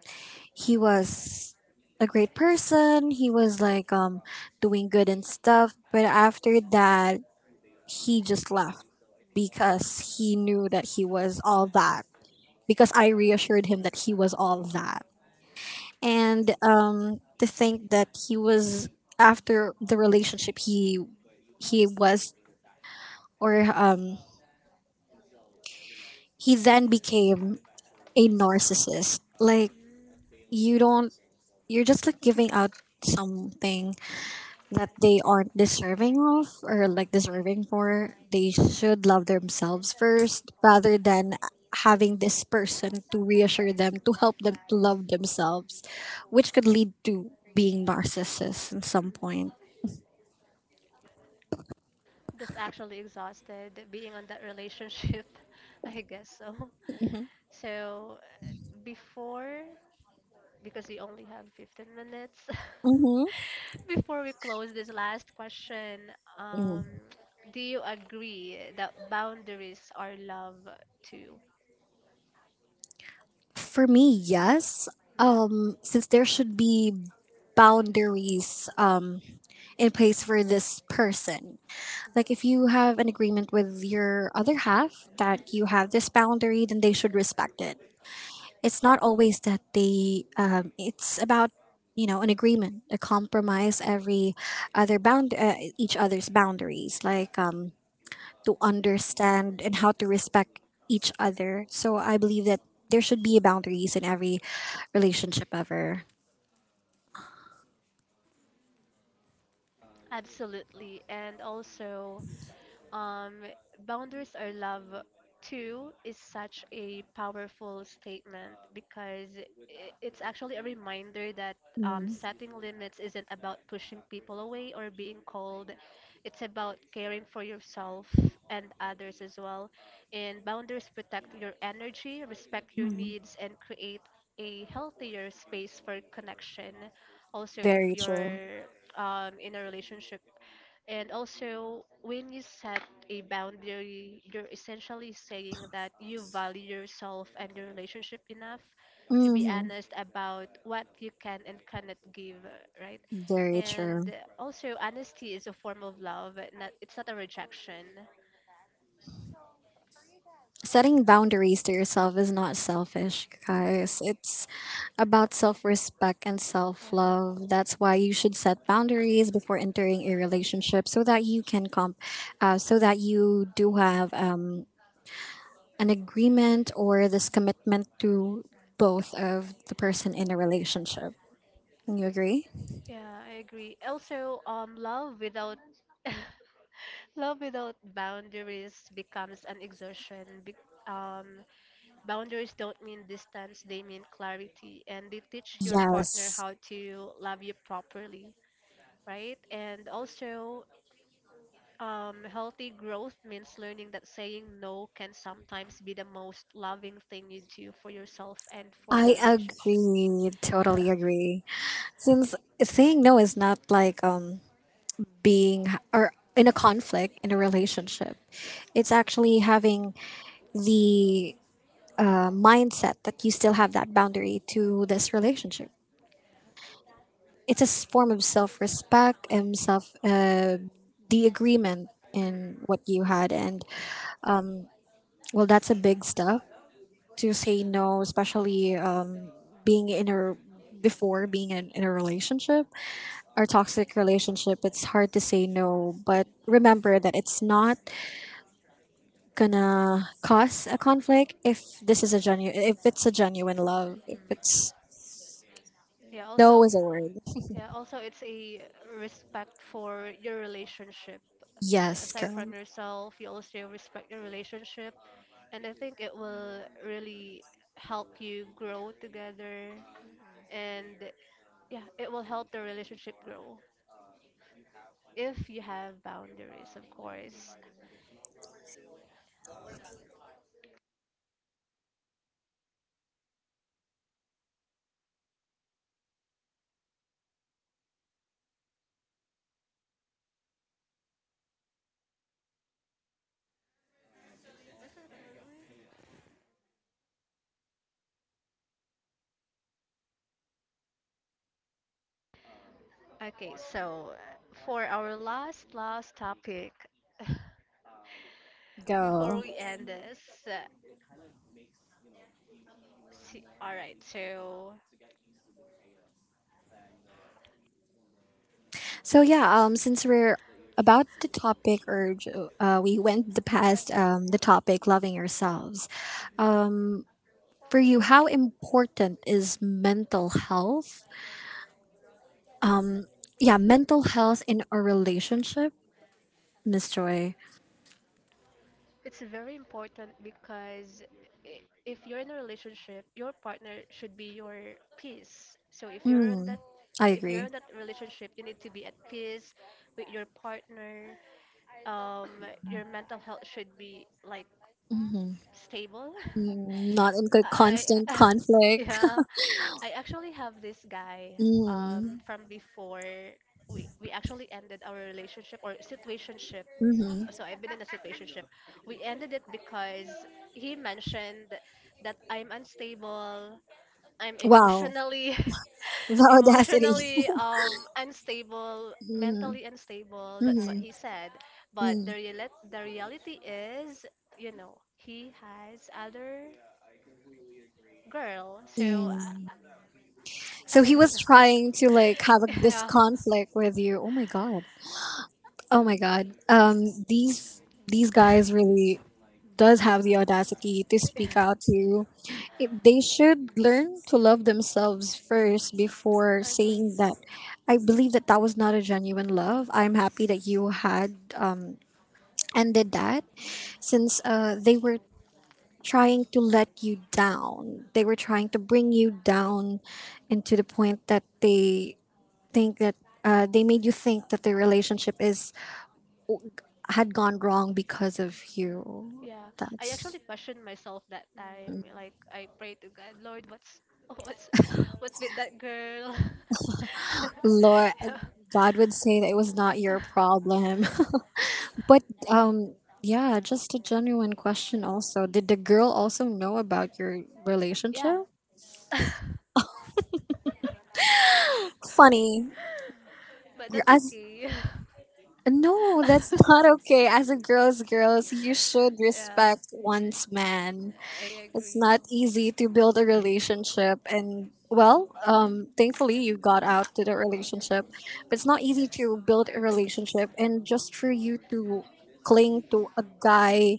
B: he was a great person. He was, like, doing good and stuff. But after that, he just left because he knew that he was all that. Because I reassured him that he was all that. And to think that he was, after the relationship he was or he then became a narcissist. Like, you don't, you're just like giving out something that they aren't deserving of or, like, deserving for. They should love themselves first rather than having this person to reassure them, to help them to love themselves, which could lead to being
A: mm.
B: narcissists at some point.
A: That's actually exhausted being on that relationship, I guess so.
B: Mm-hmm.
A: So before, because we only have 15 minutes before we close this last question, um do you agree that boundaries are love too?
B: For me, yes.
A: Mhm, mhm.
B: Since there should be boundaries in place for this person. Like if you have an agreement with your other half that you have this boundary, then they should respect it. It's not always that they, it's about, you know, an agreement, a compromise, other bound, uh, each other's boundaries, like, to understand and how to respect each other. So I believe that there should be boundaries in every relationship ever.
A: Absolutely. And also, Um, boundaries are love too is such a powerful statement because it's actually a reminder that setting limits isn't about pushing people away or being cold. It's about caring for yourself and others as well. And boundaries protect your energy, respect your
B: Mm-hmm.
A: needs, and create a healthier space for connection. Also, if
B: Very true.
A: you're in a relationship, and also, when you set a boundary, you're essentially saying that you value yourself and your relationship enough to be
B: Hmm.
A: honest about what you can and cannot give, right?
B: Very true.
A: And also, honesty is a form of love. Not, it's not a rejection.
B: Setting boundaries to yourself is not selfish, guys.
A: Hmm.
B: It's about self respect and
A: Yeah,
B: self love. That's why you should set boundaries before entering a relationship so that you can so that you do have an agreement or this commitment to both of the person in a relationship. Can you agree?
A: yeah, I agree. Also, love without love without boundaries becomes an exhaustion. Um, Boundaries don't mean distance, they mean clarity, and they teach your partner
B: Yes,
A: how to love you properly, right? And also, healthy growth means learning that saying no can sometimes be the most loving thing you do for yourself and for the
B: I
A: relationship.
B: agree. Totally agree. Since saying no is not like being or in a conflict in a relationship. It's actually having the mindset that you still have that boundary to this relationship. It's a form of self respect and self, the agreement
A: Mm-mm.
B: in what you had. And well, that's a big step to say no, especially being in a before being in a relationship or
A: Mm,
B: toxic relationship. It's hard to say no, but remember that it's not gonna cause a conflict if this is a genuine if it's a genuine love. If
A: mm.
B: it's.
A: Yeah,
B: No
A: also,
B: is a word.
A: yeah, also it's a respect for your relationship.
B: Yes,
A: Aside
B: girl.
A: from yourself, you also respect your relationship, and I think it will really help you grow together, and yeah, it will help the relationship grow if you have boundaries, of course. Okay, so for our last last topic before
B: Go.
A: we end this, uh, see, all right, so
B: So yeah, since we're about the topic, or we went the past, the topic, loving yourselves. Um for you, how important is mental health? Yeah, mental health in a relationship, Miss Joy?
A: it's very important because if you're in a relationship, your partner should be your peace. So if you're in
B: Mm,
A: that
B: I
A: if you're
B: agree.
A: in that relationship, you need to be at peace with your partner. Um, your mental health should be like
B: Mm-hmm.
A: stable.
B: Mm, not in good
A: I
B: constant conflict.
A: yeah, I actually have this guy
B: Mhm.
A: from before, we actually ended our relationship or situationship,
B: Mhm.
A: so I've been in a situationship. We ended it because he mentioned that I'm unstable. I'm
B: Wow.
A: emotionally
B: The audacity.
A: emotionally unstable,
B: Mhm.
A: mentally unstable. That's
B: Mhm.
A: what he said. But
B: Mm.
A: the reality is, you know, he has other girl. So
B: Mm.
A: I,
B: So
A: I
B: he
A: don't
B: was
A: know.
B: trying to, like, have a, this
A: Yeah.
B: conflict with you. Oh my god. Oh my god. These these guys really does have the audacity to
A: Yeah.
B: speak out to you. They should learn to love themselves first before
A: Agree.
B: saying that. I believe that that was not a genuine love. I'm happy that you had ended that
A: Mm,
B: since they were trying to let you down. They were trying to
A: mm,
B: bring you down, and to the point that they think that they made you think that the relationship is had gone wrong because of
A: mm.
B: you.
A: Yeah, I actually
B: That's.
A: questioned myself that time. Like, I pray to God, Lord, what's what's what's with that girl?
B: Lord.
A: Yeah.
B: God would say that it was not your problem. But um, yeah, just a genuine question. Also, did the girl also know about your
A: Yeah.
B: relationship? Funny.
A: But
B: You're-
A: that's
B: As
A: okay.
B: No, that's not okay. As a girl's girls, you should
A: Yeah,
B: respect one's man.
A: I
B: It's
A: agree.
B: not easy to build a relationship and well, thankfully you got out to the relationship. But it's not easy to build a relationship and just for you to cling to a guy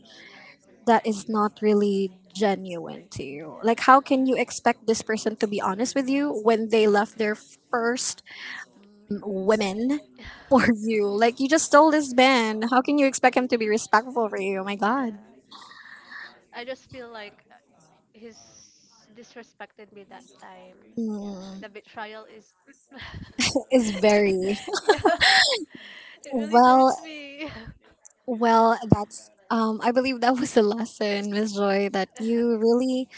B: that is not really genuine to you.
A: Yeah.
B: Like how can you expect this person to be honest with you when they left their first women for you. Like you just stole this man. How can you expect him to be respectful for you? Oh my
A: Yeah.
B: god.
A: I just feel like he's disrespected me that time. Yeah,
B: Mm,
A: the betrayal is.
B: that is very
A: Yeah, it really
B: well.
A: hurts me.
B: Well, that's. I believe that was a lesson, Miss Joy, that you really.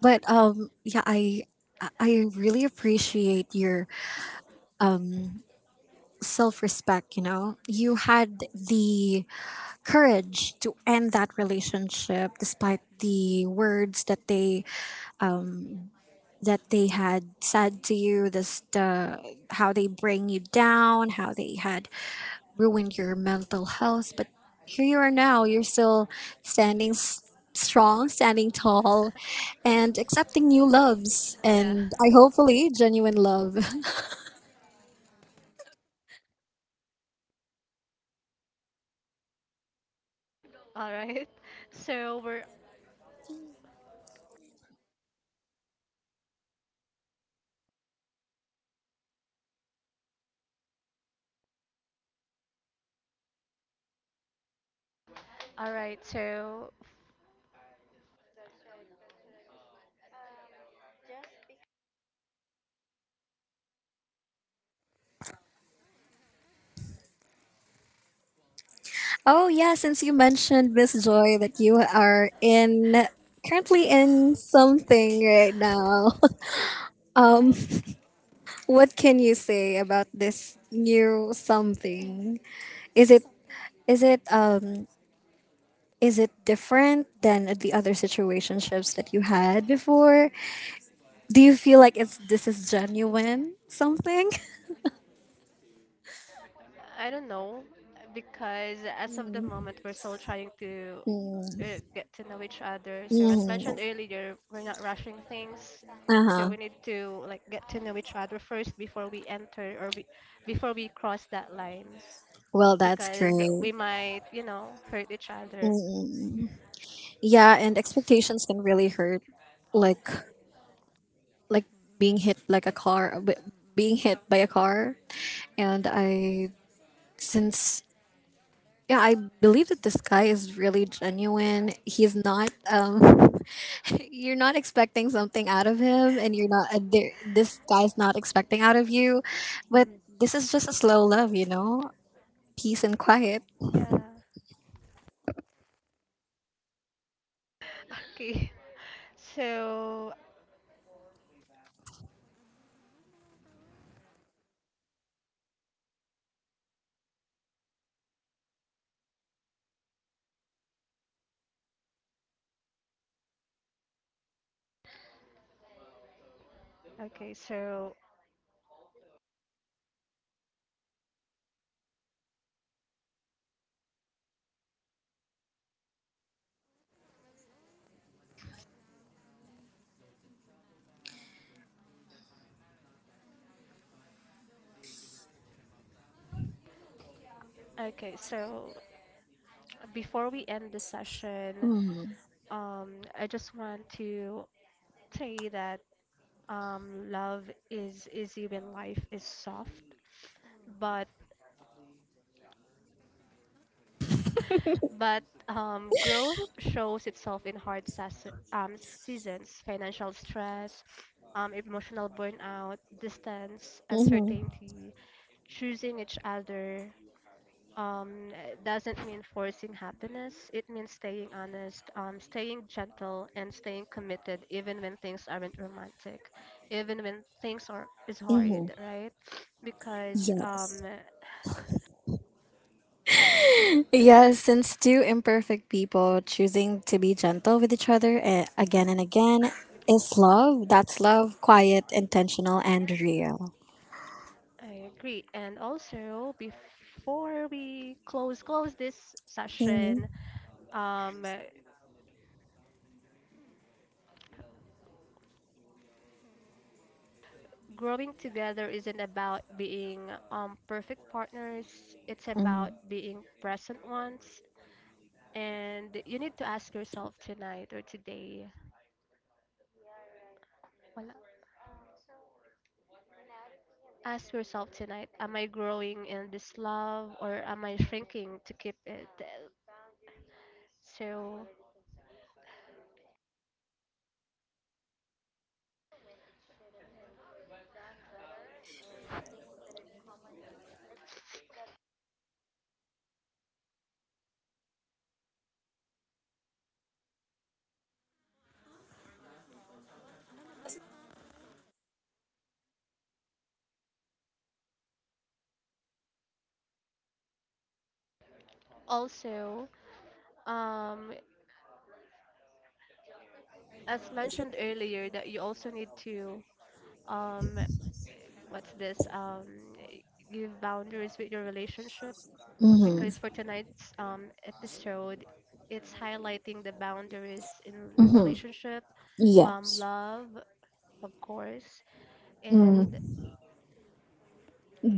B: But yeah, I really appreciate your um self-respect. You know, you had the courage to end that relationship despite the words that they had said to you, this the how they bring you down, how they had ruined your mental health. But here you are now, you're still standing s- strong, standing tall, and accepting new loves,
A: Yeah.
B: and I hopefully genuine love.
A: All right. So we're all right. So
B: Oh yeah, since you mentioned, Miss Joy, that you are in currently in something right now, um what can you say about this new something? Is it Is it um is it different than the other situationships that you had before? Do you feel like it's this is genuine something?
A: I don't know, because as of the moment, we're still trying to
B: Mm-hmm.
A: get to know each other. So as mentioned earlier, we're not rushing things. So
B: Uh-huh.
A: we need to like get to know each other first before we enter, or before we cross that line,
B: Well, that's
A: because
B: great.
A: we might, you know, hurt each other.
B: Mm. Yeah, and expectations can really hurt, like like being hit like a car b- being hit by a car. And I since Yeah, I believe that this guy is really genuine. He's not you're not expecting something out of him, and you're not this guy's not expecting out of you. But
A: Mm,
B: this is just a slow love, you know, peace and quiet.
A: yeah. Okay. So, okay, so, okay, so, before we end the session,
B: Mm.
A: um, I just want to say that love is easy when life is soft, but growth shows itself in hard seasons, financial stress, emotional burnout, distance,
B: Hmm.
A: uncertainty, choosing each other, um. It doesn't mean forcing happiness. It means staying honest, staying gentle, and staying committed, even when things aren't romantic, even when things are is
B: Hmm.
A: hard, right? Because
B: Yes. Yes, since two imperfect people choosing to be gentle with each other, again and
A: mhm,
B: again, is love. That's love, quiet, intentional, and real.
A: I agree. And also, before we close close this
B: Hmm.
A: session, um, growing together isn't about being perfect partners. It's about
B: Hmm.
A: being present ones. And you need to ask yourself tonight or today. Well, ask yourself tonight, am I growing in this love, or am I shrinking to keep it? So also, um, as mentioned earlier, that you also need to um, what's this? Give boundaries with your relationship,
B: Hmm.
A: because for tonight's episode, it's highlighting the boundaries in relationship,
B: Yes,
A: love, of course, and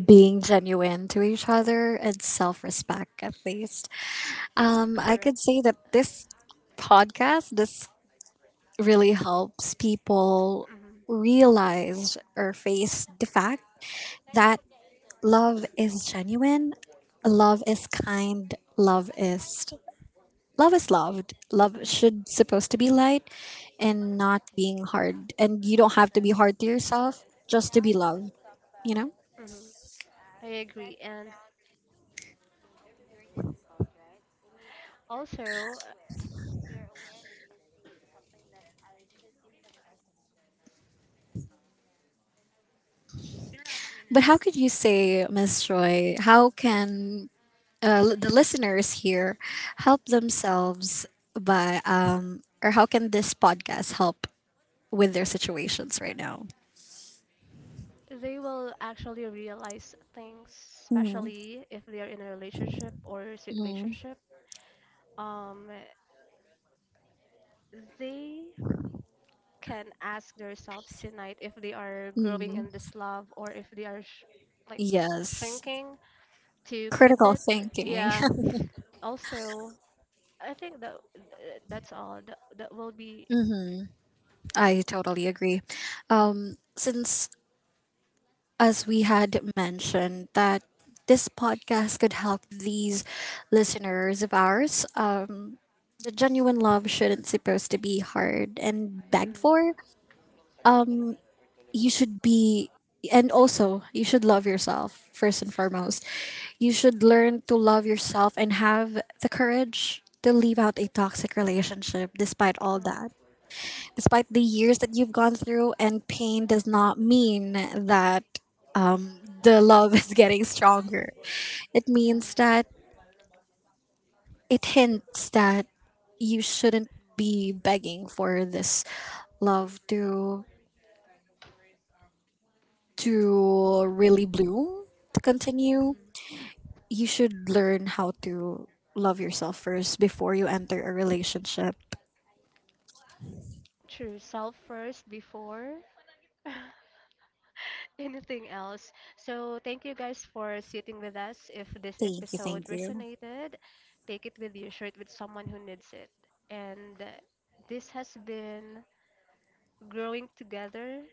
B: being genuine to each other and self-respect at least. I
A: correct.
B: could say that this podcast this really helps people
A: Hmm.
B: realize or face the fact that love is genuine, love
A: Hmm.
B: is kind, love is loved. Love
A: Yeah.
B: should supposed to be light and not being hard. And you don't have to be hard to yourself just to be loved, you know?
A: Hmm. I agree. And also,
B: But how could you say, Miss Joy, how can the listeners here help themselves by or how can this podcast help with their situations right now?
A: they will actually realize things,
B: mm,
A: especially if they are in a relationship or
B: mm,
A: situationship. Um, they can ask themselves tonight if they are growing in
B: mm.
A: this love or if they are like
B: Yes,
A: shrinking to keep
B: critical
A: it.
B: thinking.
A: Yeah. Also, I think that that's all. That will be.
B: I totally agree. Since as we had mentioned that this podcast could help these listeners of ours, the genuine love shouldn't supposed to be hard and begged
A: Mm,
B: for. You should be, and also you should love yourself first and foremost. You should learn to love yourself and have the courage to leave out a toxic relationship despite all that,
A: correct.
B: despite the years that you've gone through. And pain does not mean that the love is getting stronger. It
A: Yeah.
B: means that it hints that you shouldn't be begging for this love to really bloom, to continue.
A: Mhm.
B: You should learn how to love yourself first before you enter a relationship.
A: True. Self first before anything else. So, thank you guys for sitting with us. If this
B: Thank you,
A: episode
B: thank you.
A: resonated, take it with you, share it with someone who needs it. And this has been Growing Together.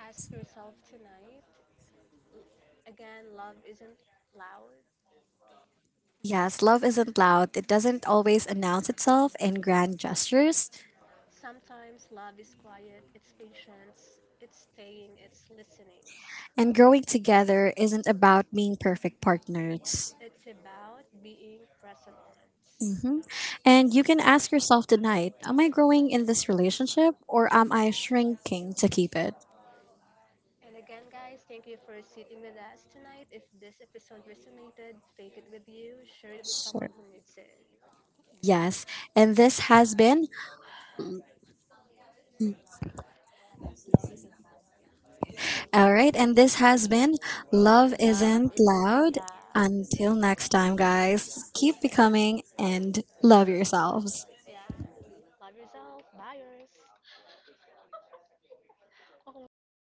A: Ask yourself tonight again, love isn't loud.
B: Yes, love isn't loud. It doesn't always announce itself in grand gestures.
A: Sometimes love is quiet, it's patience, it's staying, it's listening.
B: And growing together isn't about being perfect partners.
A: It's about being present
B: Hmm.
A: moments.
B: And you can ask yourself tonight, am I growing in this relationship or am I shrinking to keep it?
A: And again, guys, thank you for sitting with us tonight. If this episode resonated, take it with you, share it with
B: Sure.
A: someone who needs it.
B: Yes. And this has been All right, and this has been Love
A: Love
B: Isn't
A: isn't
B: Loud.
A: loud.
B: Until next time, guys, keep becoming and love yourselves.
A: Yeah. Love yourself. Buyers. Ako, sip. Ko na.